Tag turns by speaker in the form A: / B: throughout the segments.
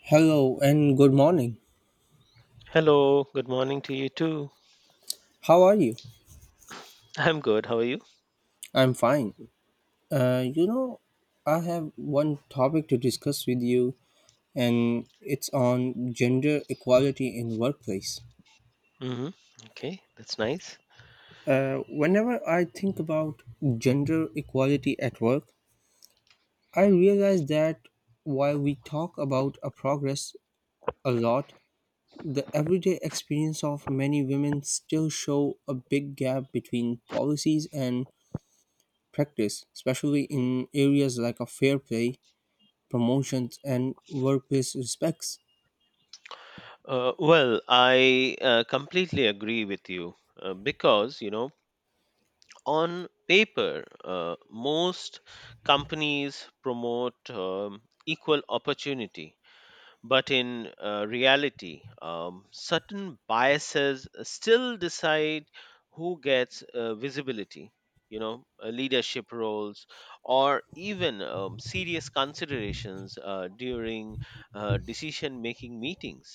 A: Hello and good morning.
B: Hello, good morning to you too.
A: How are you?
B: I'm good. How are you?
A: I'm fine. Uh, you know, I have one topic to discuss with you, and it's on gender equality in workplace.
B: hmm Okay, that's nice.
A: Whenever I think about gender equality at work, I realize that while we talk about a progress a lot, the everyday experience of many women still show a big gap between policies and practice, especially in areas like a fair play promotions, and workplace respects.
B: Well, I completely agree with you because, you know, on paper, most companies promote equal opportunity. But in reality, certain biases still decide who gets visibility, you know, leadership roles, or even serious considerations during decision making meetings.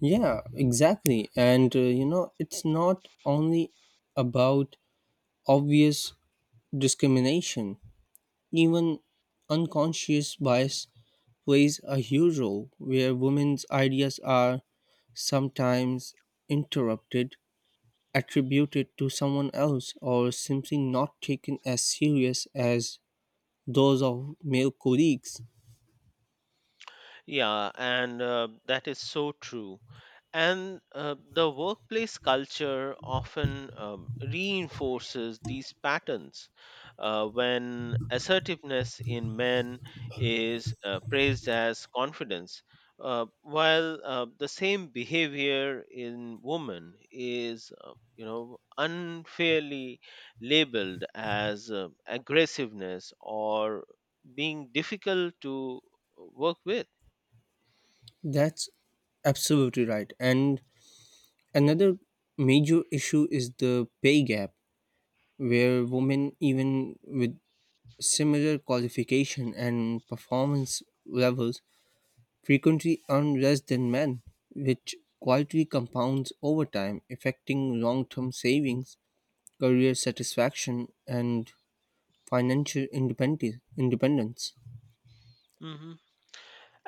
A: Yeah, exactly. And it's not only about obvious discrimination, even unconscious bias plays a huge role where women's ideas are sometimes interrupted, attributed to someone else, or simply not taken as serious as those of male colleagues.
B: Yeah, and that is so true. And the workplace culture often reinforces these patterns when assertiveness in men is praised as confidence, while the same behavior in women is, you know, unfairly labeled as aggressiveness or being difficult to work with.
A: That's absolutely right. And another major issue is the pay gap, where women, even with similar qualification and performance levels, frequently earn less than men, which quietly compounds over time, affecting long term savings, career satisfaction, and financial independence.
B: hmm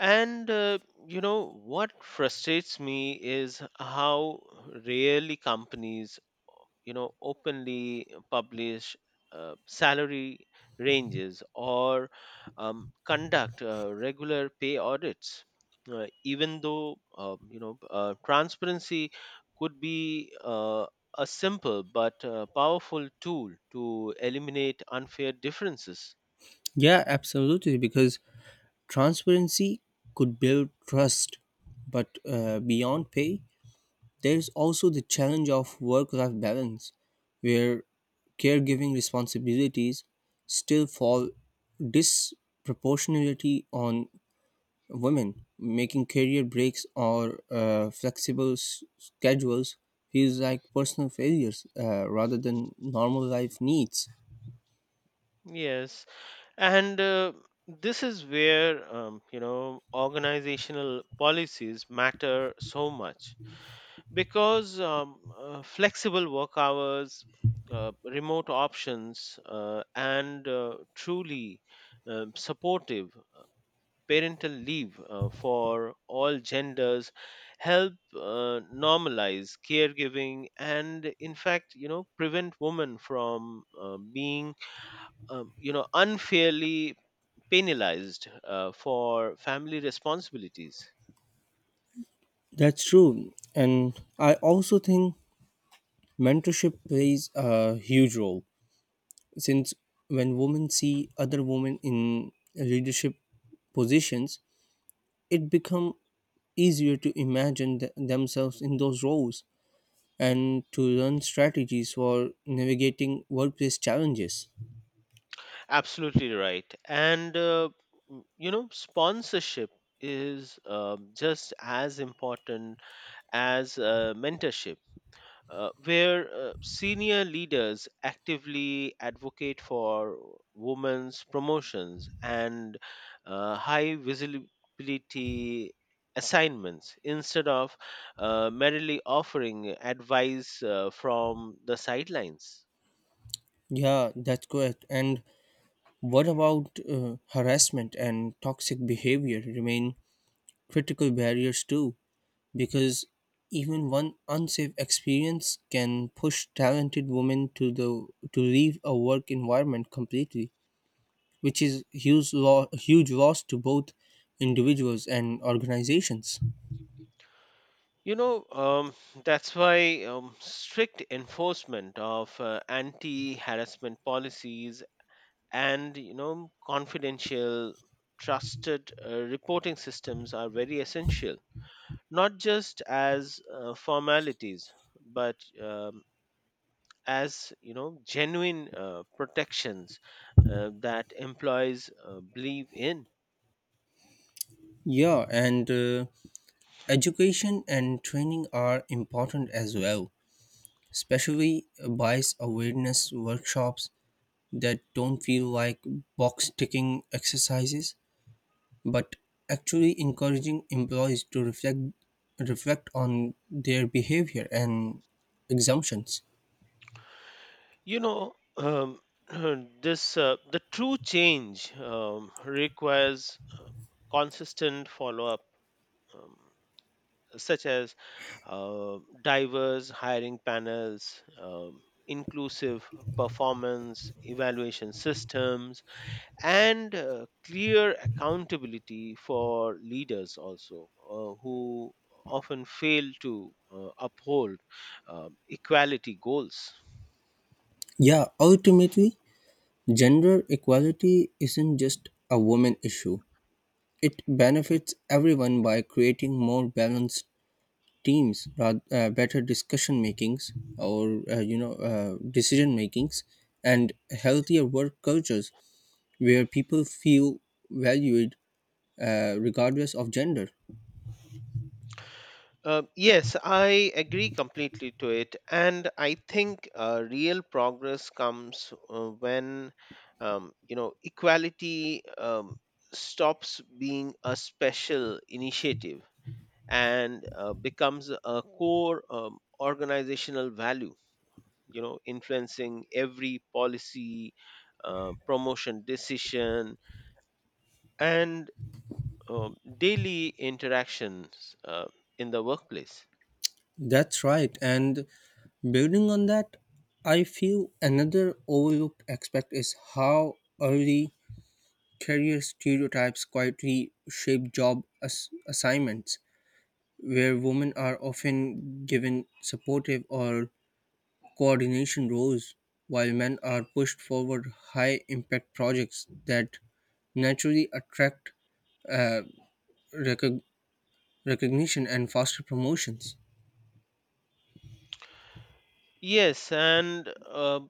B: And you know what frustrates me is how rarely companies, you know, openly publish salary ranges or conduct regular pay audits, even though uh, you know transparency could be uh, a simple but powerful tool to eliminate unfair differences.
A: Yeah, absolutely, because transparency could build trust, but beyond pay, there is also the challenge of work life balance, where caregiving responsibilities still fall disproportionately on women, making career breaks or flexible schedules feels like personal failures rather than normal life needs.
B: Yes, and this is where you know organizational policies matter so much because flexible work hours, remote options, and truly supportive parental leave for all genders help normalize caregiving and in fact you know prevent women from being you know unfairly penalized for family responsibilities.
A: That's true. And I also think mentorship plays a huge role since when women see other women in leadership positions it become easier to imagine themselves in those roles and to learn strategies for navigating workplace challenges.
B: Absolutely right. And you know, sponsorship is just as important as mentorship, where senior leaders actively advocate for women's promotions and high visibility assignments instead of merely offering advice from the sidelines.
A: Yeah, that's correct. And what about harassment and toxic behavior remain critical barriers too, because even one unsafe experience can push talented women to leave a work environment completely, which is huge loss to both individuals and organizations.
B: You know, um, that's why strict enforcement of anti harassment policies and you know confidential trusted reporting systems are very essential not just as formalities but um, as you know genuine protections that employees believe in
A: Yeah and Education and training are important as well, especially bias awareness workshops that don't feel like box ticking exercises but actually encouraging employees to reflect on their behavior and exemptions.
B: you know this the true change requires consistent follow up such as diverse hiring panels, inclusive performance evaluation systems, and clear accountability for leaders also who often fail to uphold equality goals.
A: Yeah, ultimately, gender equality isn't just a woman issue. It benefits everyone by creating more balanced teams, rather, better discussion makings, or decision makings, and healthier work cultures where people feel valued regardless of gender.
B: Yes, I agree completely to it. And I think real progress comes when, you know, equality stops being a special initiative and becomes a core organizational value, you know, influencing every policy, promotion decision, and daily interactions in the workplace.
A: That's right. And building on that, I feel another overlooked aspect is how early career stereotypes quietly shape job assignments, where women are often given supportive or coordination roles, while men are pushed forward high impact projects that naturally attract recog- recognition and faster promotions.
B: Yes, and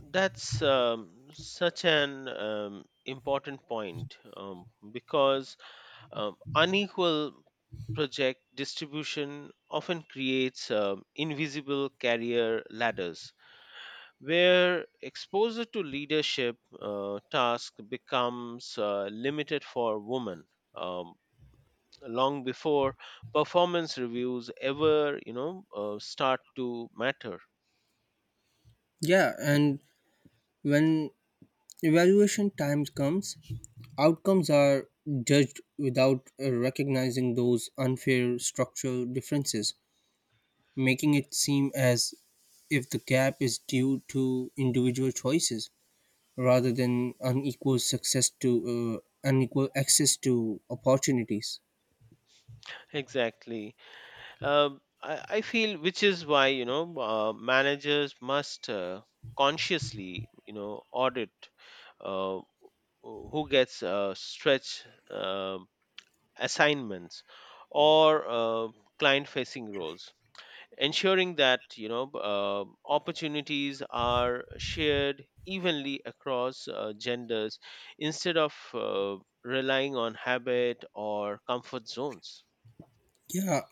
B: that's such an important point, because unequal project distribution often creates invisible career ladders where exposure to leadership task becomes limited for women um, long before performance reviews ever you know start to matter.
A: Yeah, and when evaluation time comes, outcomes are judged without recognizing those unfair structural differences, making it seem as if the gap is due to individual choices rather than unequal access to opportunities.
B: Exactly. I feel which is why you know managers must consciously you know audit uh, who gets stretch uh, assignments or client facing roles, ensuring that you know opportunities are shared evenly across genders instead of relying on habit or comfort zones.
A: Yeah,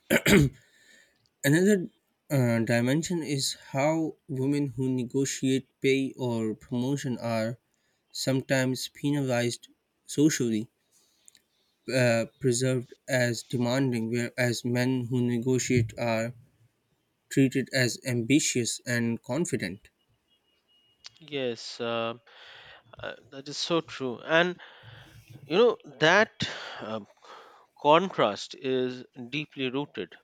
A: another dimension is how women who negotiate pay or promotion are sometimes penalized socially, preserved as demanding, whereas men who negotiate are treated as ambitious and confident.
B: yes uh, that is so true, and you know that uh, contrast is deeply rooted,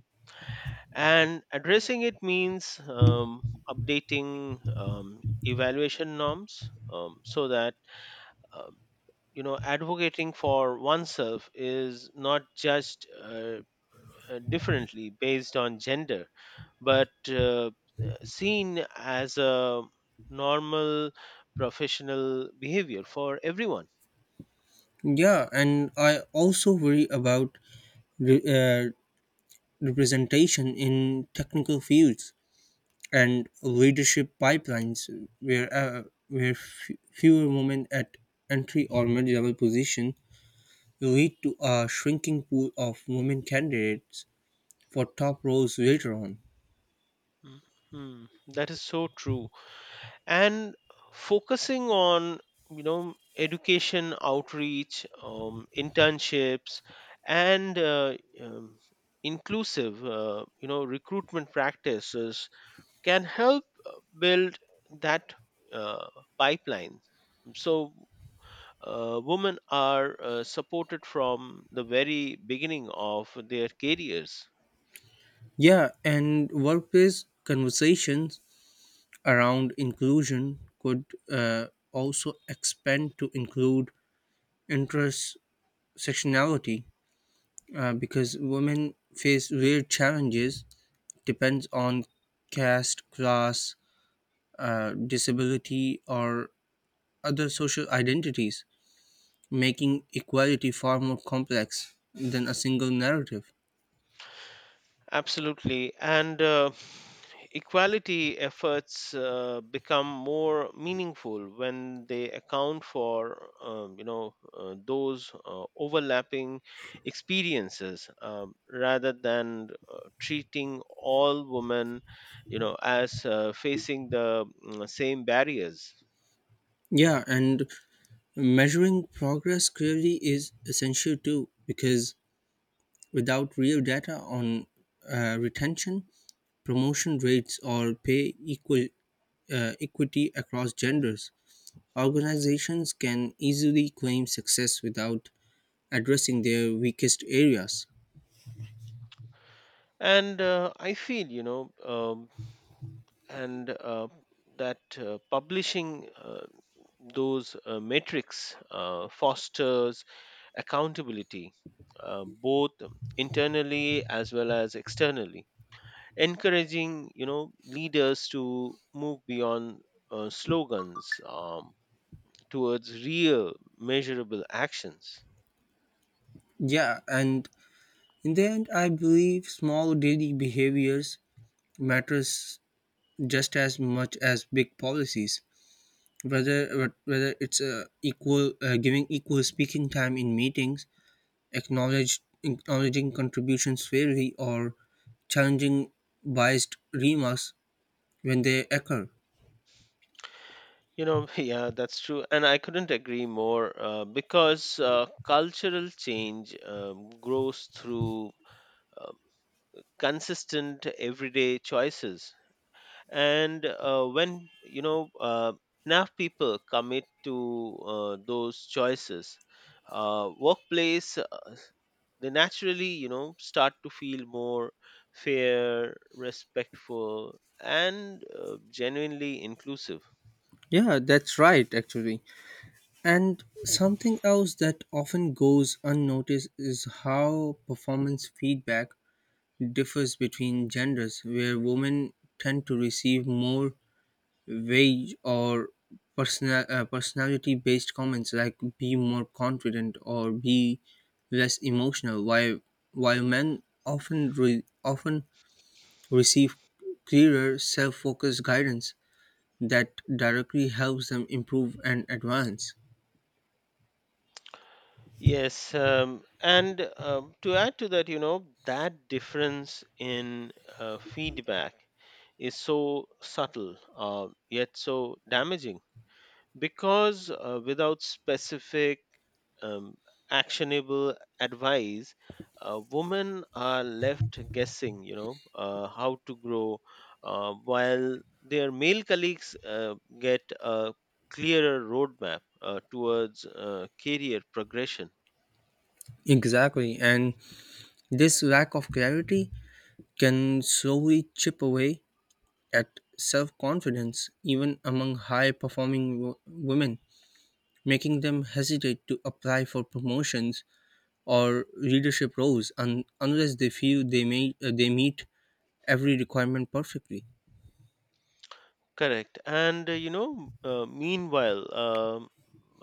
B: and addressing it means updating evaluation norms so that um, you know advocating for oneself is not judged differently based on gender but seen as a normal professional behavior for everyone.
A: Yeah, and I also worry about re- uh, representation in technical fields and leadership pipelines, where uh, where fewer women at entry or mid-level position lead to a shrinking pool of women candidates for top roles later on.
B: Mm, mm. That is so true, and focusing on you know education outreach, internships, and inclusive you know recruitment practices can help build that uh, pipeline so women are supported from the very beginning of their careers.
A: Yeah, and workplace conversations around inclusion could also expand to include intersectionality, because women face real challenges depends on caste class, disability or other social identities, making equality far more complex than a single narrative.
B: Absolutely. And equality efforts become more meaningful when they account for, you know, those overlapping experiences, rather than treating all women, you know, as facing the same barriers.
A: Yeah, and measuring progress clearly is essential too, because without real data on retention, promotion rates, or equity across genders, organizations can easily claim success without addressing their weakest areas.
B: And I feel, you know, and that publishing those metrics fosters accountability both internally as well as externally, encouraging you know leaders to move beyond slogans towards real, measurable actions.
A: Yeah, and in the end, I believe small daily behaviors matters just as much as big policies. Whether whether it's equal giving equal speaking time in meetings, acknowledging contributions fairly, or challenging biased remarks when they occur.
B: You know, yeah, that's true. And I couldn't agree more because cultural change grows through um, consistent everyday choices, and when you know enough people commit to those choices, workplace, they naturally you know start to feel more fair, respectful, and genuinely inclusive.
A: Yeah, that's right, actually. And something else that often goes unnoticed is how performance feedback differs between genders, where women tend to receive more wage or personality based comments like be more confident or be less emotional, while men often receive clearer self focused guidance that directly helps them improve and advance.
B: Yes, and to add to that, you know, that difference in feedback is so subtle, yet so damaging because without specific um, actionable advice, women are left guessing you know how to grow while their male colleagues get a clearer roadmap towards career progression.
A: Exactly, and this lack of clarity can slowly chip away at self confidence, even among high performing women, making them hesitate to apply for promotions or leadership roles unless they feel they meet every requirement perfectly.
B: Correct. And you know, meanwhile, um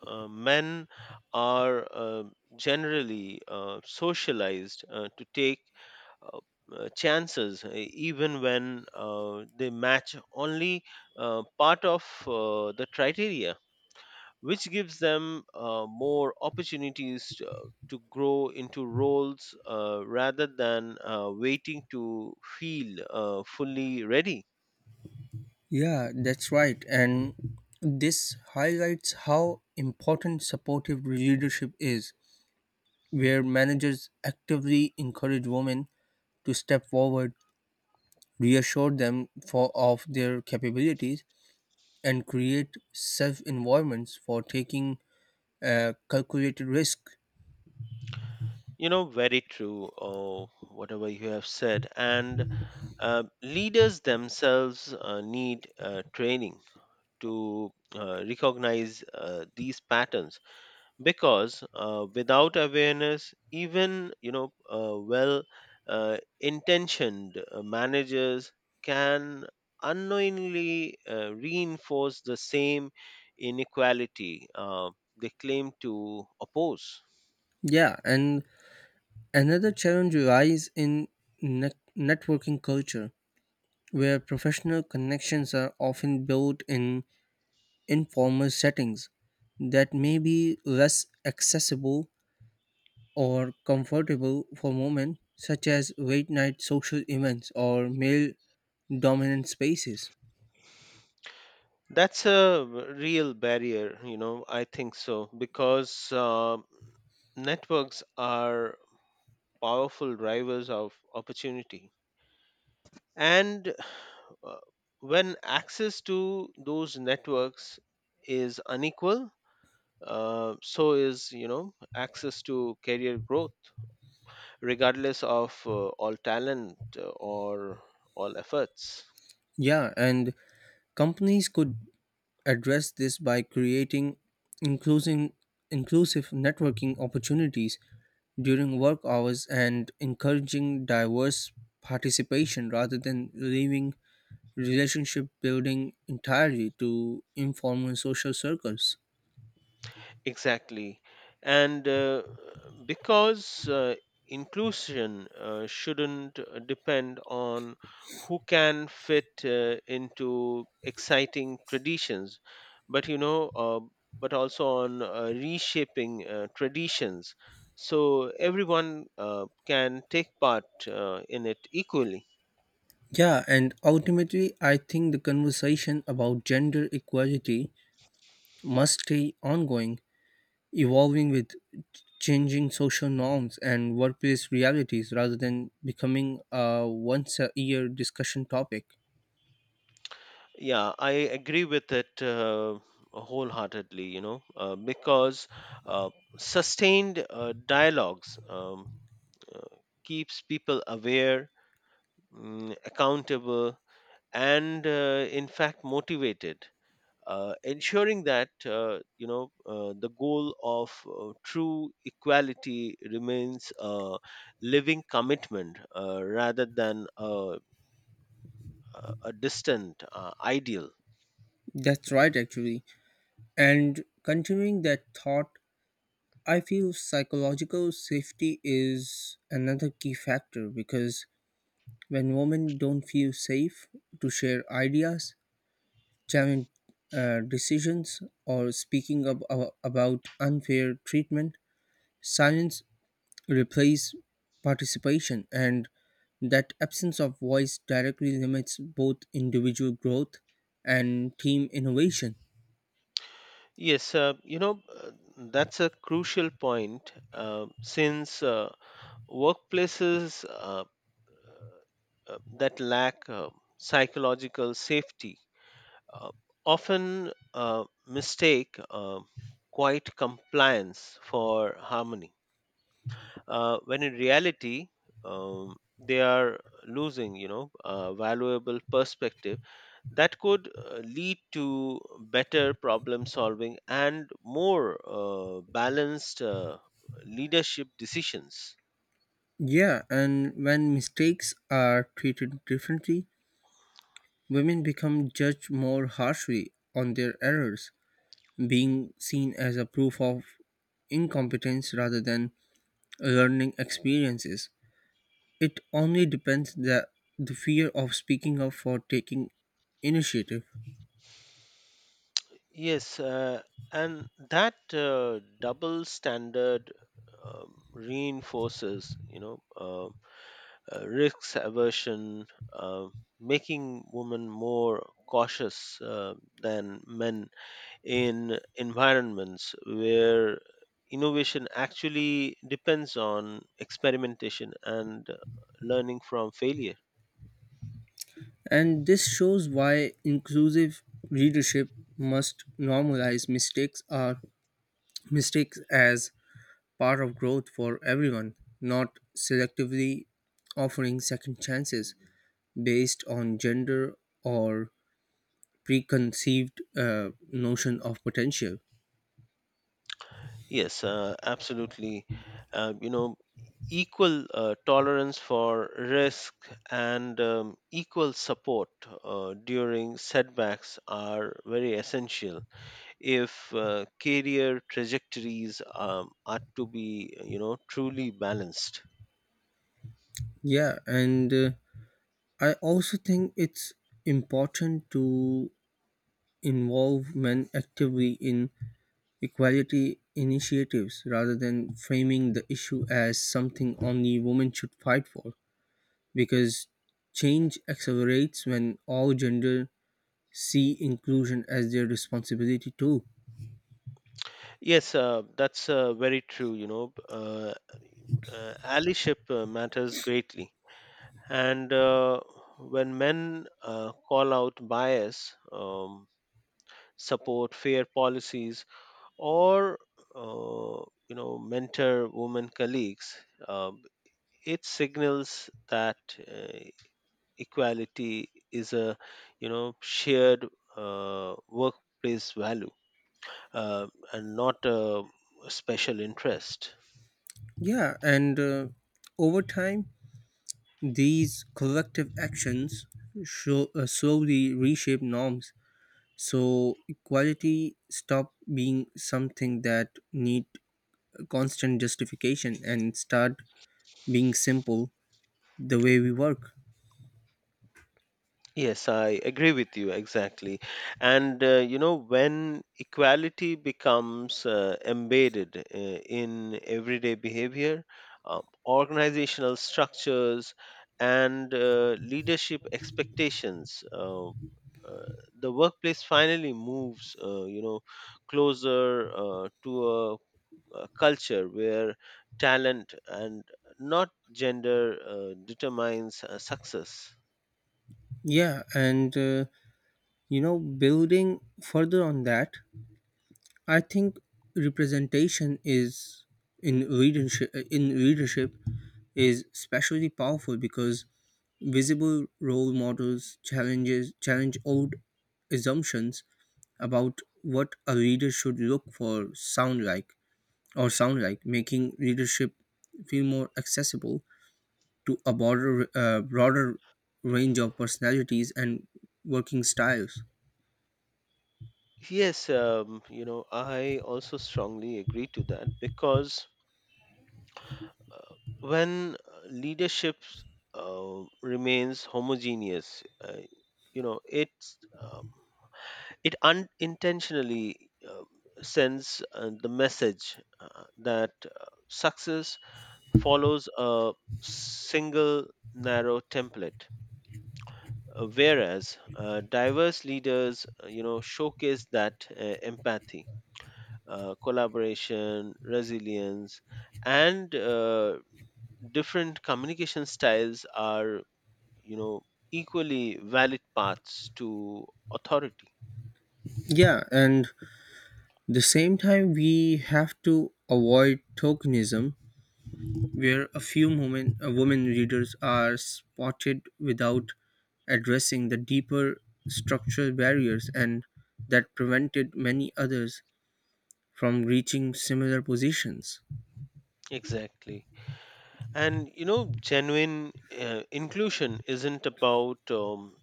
B: uh, men are generally socialized to take uh, chances, even when they match only part of the criteria, which gives them more opportunities to grow into roles rather than waiting to feel fully ready.
A: Yeah, that's right. And this highlights how important supportive leadership is, where managers actively encourage women to step forward, reassure of their capabilities, and create safe environments for taking calculated risk.
B: You know, very true, whatever you have said. And leaders themselves need training to recognize these patterns because without awareness, even, you know, well intentioned managers can unknowingly reinforce the same inequality they claim to oppose.
A: Yeah, and another challenge lies in networking culture, where professional connections are often built in informal settings that may be less accessible or comfortable for women, such as late night social events or male dominant spaces.
B: That's a real barrier, you know, I think so, because networks are powerful drivers of opportunity. And uh, when access to those networks is unequal, so is, you know, access to career growth, regardless of all talent or all efforts.
A: Yeah, and companies could address this by creating inclusive, inclusive networking opportunities during work hours and encouraging diverse participation rather than leaving relationship building entirely to informal social circles.
B: Exactly. And because inclusion shouldn't depend on who can fit into exciting traditions, but you know, but also on reshaping traditions so everyone can take part in it equally.
A: Yeah, and ultimately, I think the conversation about gender equality must stay ongoing, evolving with changing social norms and workplace realities rather than becoming a once a year discussion topic.
B: Yeah, I agree with it wholeheartedly, you know, because uh, sustained dialogues uh, keeps people aware, accountable, and in fact motivated, ensuring that you know the goal of true equality remains a living commitment rather than a distant ideal.
A: That's right, actually. And continuing that thought, I feel psychological safety is another key factor, because when women don't feel safe to share ideas, challenge decisions or speaking up about unfair treatment, silence replaces participation, and that absence of voice directly limits both individual growth and team innovation.
B: Yes, you know, that's a crucial point since workplaces that lack psychological safety uh, often mistake quiet compliance for harmony, when in reality, they are losing, you know, valuable perspective that could lead to better problem solving and more balanced leadership decisions.
A: Yeah, and when mistakes are treated differently, women become judged more harshly on their errors, being seen as a proof of incompetence rather than learning experiences. It only depends that the fear of speaking up for taking initiative.
B: Yes, and that double standard reinforces, you know, risks aversion, uh, making women more cautious than men in environments where innovation actually depends on experimentation and learning from failure.
A: And this shows why inclusive leadership must normalize mistakes as part of growth for everyone, not selectively offering second chances based on gender or preconceived notion of potential.
B: Yes, absolutely. You know, equal tolerance for risk and equal support during setbacks are very essential if career trajectories are to be you know truly balanced.
A: Yeah, and I also think it's important to involvement actively in equality initiatives rather than framing the issue as something only women should fight for, because change accelerates when all gender see inclusion as their responsibility too.
B: Yes that's very true, you know, allyship matters greatly, and when men call out bias, support fair policies or you know mentor women colleagues, um, it signals that uh, equality is a you know shared workplace value, uh, and not a special interest.
A: Yeah and Over time these collective actions slowly reshape norms, so equality stop being something that need constant justification and start being simple the way we work.
B: Yes, I agree with you exactly. And you know, when equality becomes embedded in everyday behavior, organizational structures, and leadership expectations, the workplace finally moves, you know, closer to a culture where talent and not gender determines success.
A: Yeah and uh, you know Building further on that, I think representation is in readership is especially powerful, because visible role models challenge old assumptions about what a reader should look for sound like or sound like, making readership feel more accessible to a broader range of personalities and working styles.
B: Yes, you know, I also strongly agree to that because uh, when leadership remains homogeneous, you know, it's um, it unintentionally sends the message that success follows a single narrow template. Whereas diverse leaders, you know, showcase that empathy, collaboration, resilience, and different communication styles are, you know, equally valid paths to authority.
A: Yeah, and the same time we have to avoid tokenism, where a few women readers are spotted without addressing the deeper structural barriers and that prevented many others from reaching similar positions.
B: Exactly. And, you know, genuine inclusion isn't about um,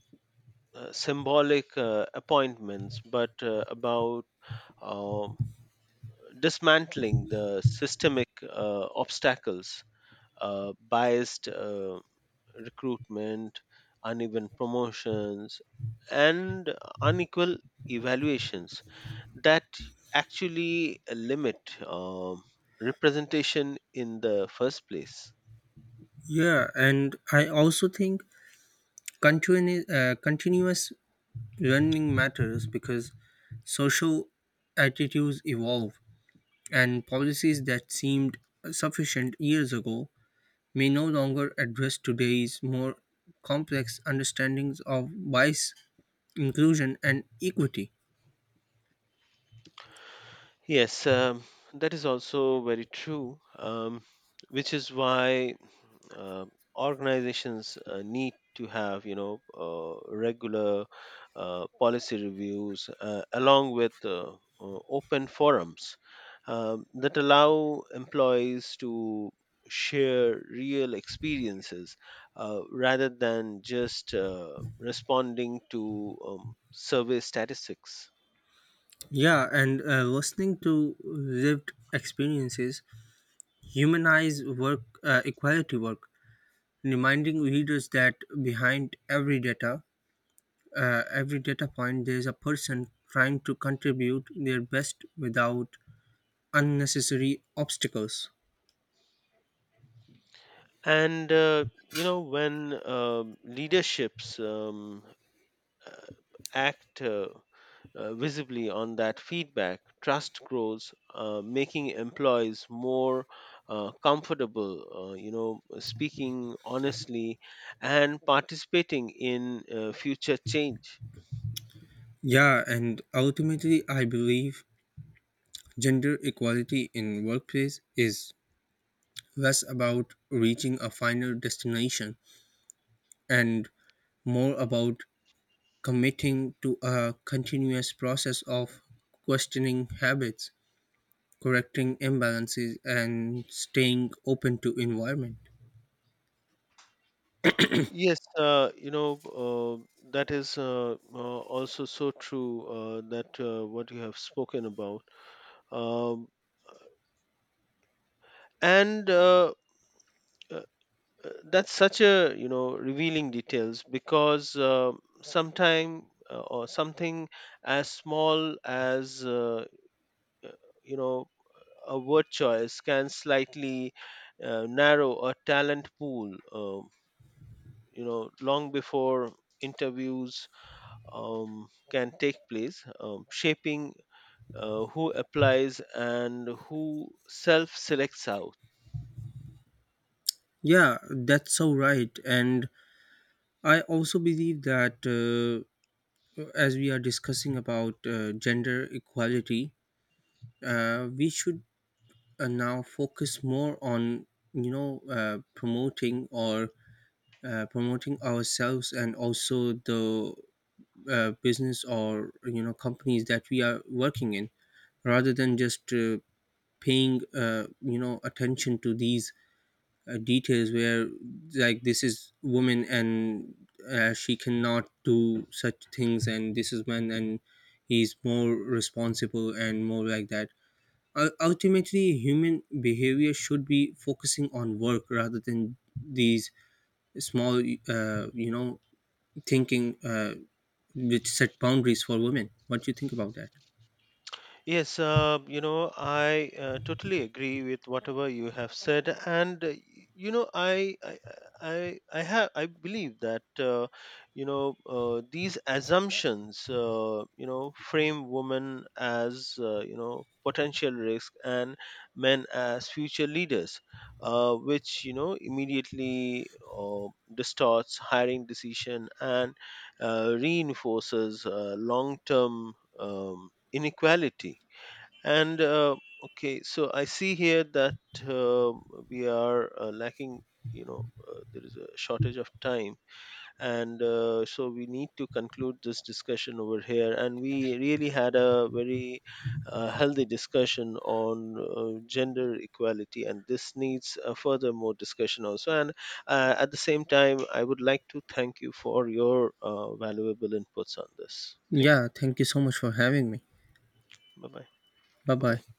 B: uh, symbolic appointments, but about um dismantling the systemic obstacles, biased recruitment, uneven promotions, and unequal evaluations that actually limit um, representation in the first place.
A: Yeah, and I also think continuous learning matters because social attitudes evolve, and policies that seemed sufficient years ago may no longer address today's more complex understandings of bias, inclusion, and equity.
B: Yes, that is also very true, which is why uh, organizations need to have, you know, regular policy reviews along with open forums that allow employees to share real experiences rather than just responding to survey statistics.
A: Yeah, and Listening to lived experiences humanize work equality work, reminding readers that behind every data point there is a person trying to contribute their best without unnecessary obstacles.
B: And you know when leaderships uh, act visibly on that feedback, trust grows, making employees more comfortable you know speaking honestly and participating in future change.
A: Yeah, and ultimately I believe gender equality in workplace is less about reaching a final destination and more about committing to a continuous process of questioning habits, correcting imbalances and staying open to environment.
B: Yes, you know, that is also so true that what you have spoken about. Um, and uh, that's such a you know revealing details because sometime or something as small as uh, you know a word choice can slightly narrow a talent pool you know long before interviews can take place, shaping who applies and who self selects out.
A: Yeah, that's so right. And I also believe that, as we are discussing about gender equality, we should now focus more on you know uh, promoting or promoting ourselves and also the business or you know companies that we are working in, rather than just paying you know attention to these details where like this is woman and she cannot do such things and this is man and he's more responsible and more like that. Ultimately human behavior should be focusing on work rather than these small uh, you know thinking which set boundaries for women. What do you think about that?
B: Yes, you know, I totally agree with whatever you have said, and you know, I have, I believe that you know these assumptions, you know, frame women as you know potential risk and men as future leaders, which you know immediately distorts hiring decision and reinforces long-term inequality. And okay, so I see here that uh, we are lacking, you know, there is a shortage of time. And so we need to conclude this discussion over here. And we really had a very healthy discussion on gender equality. And this needs a further more discussion also. And at the same time, I would like to thank you for your valuable inputs on this. Thank you.
A: Yeah, thank you so much for having me.
B: Bye bye.
A: Bye
B: Bye
A: bye.
B: bye.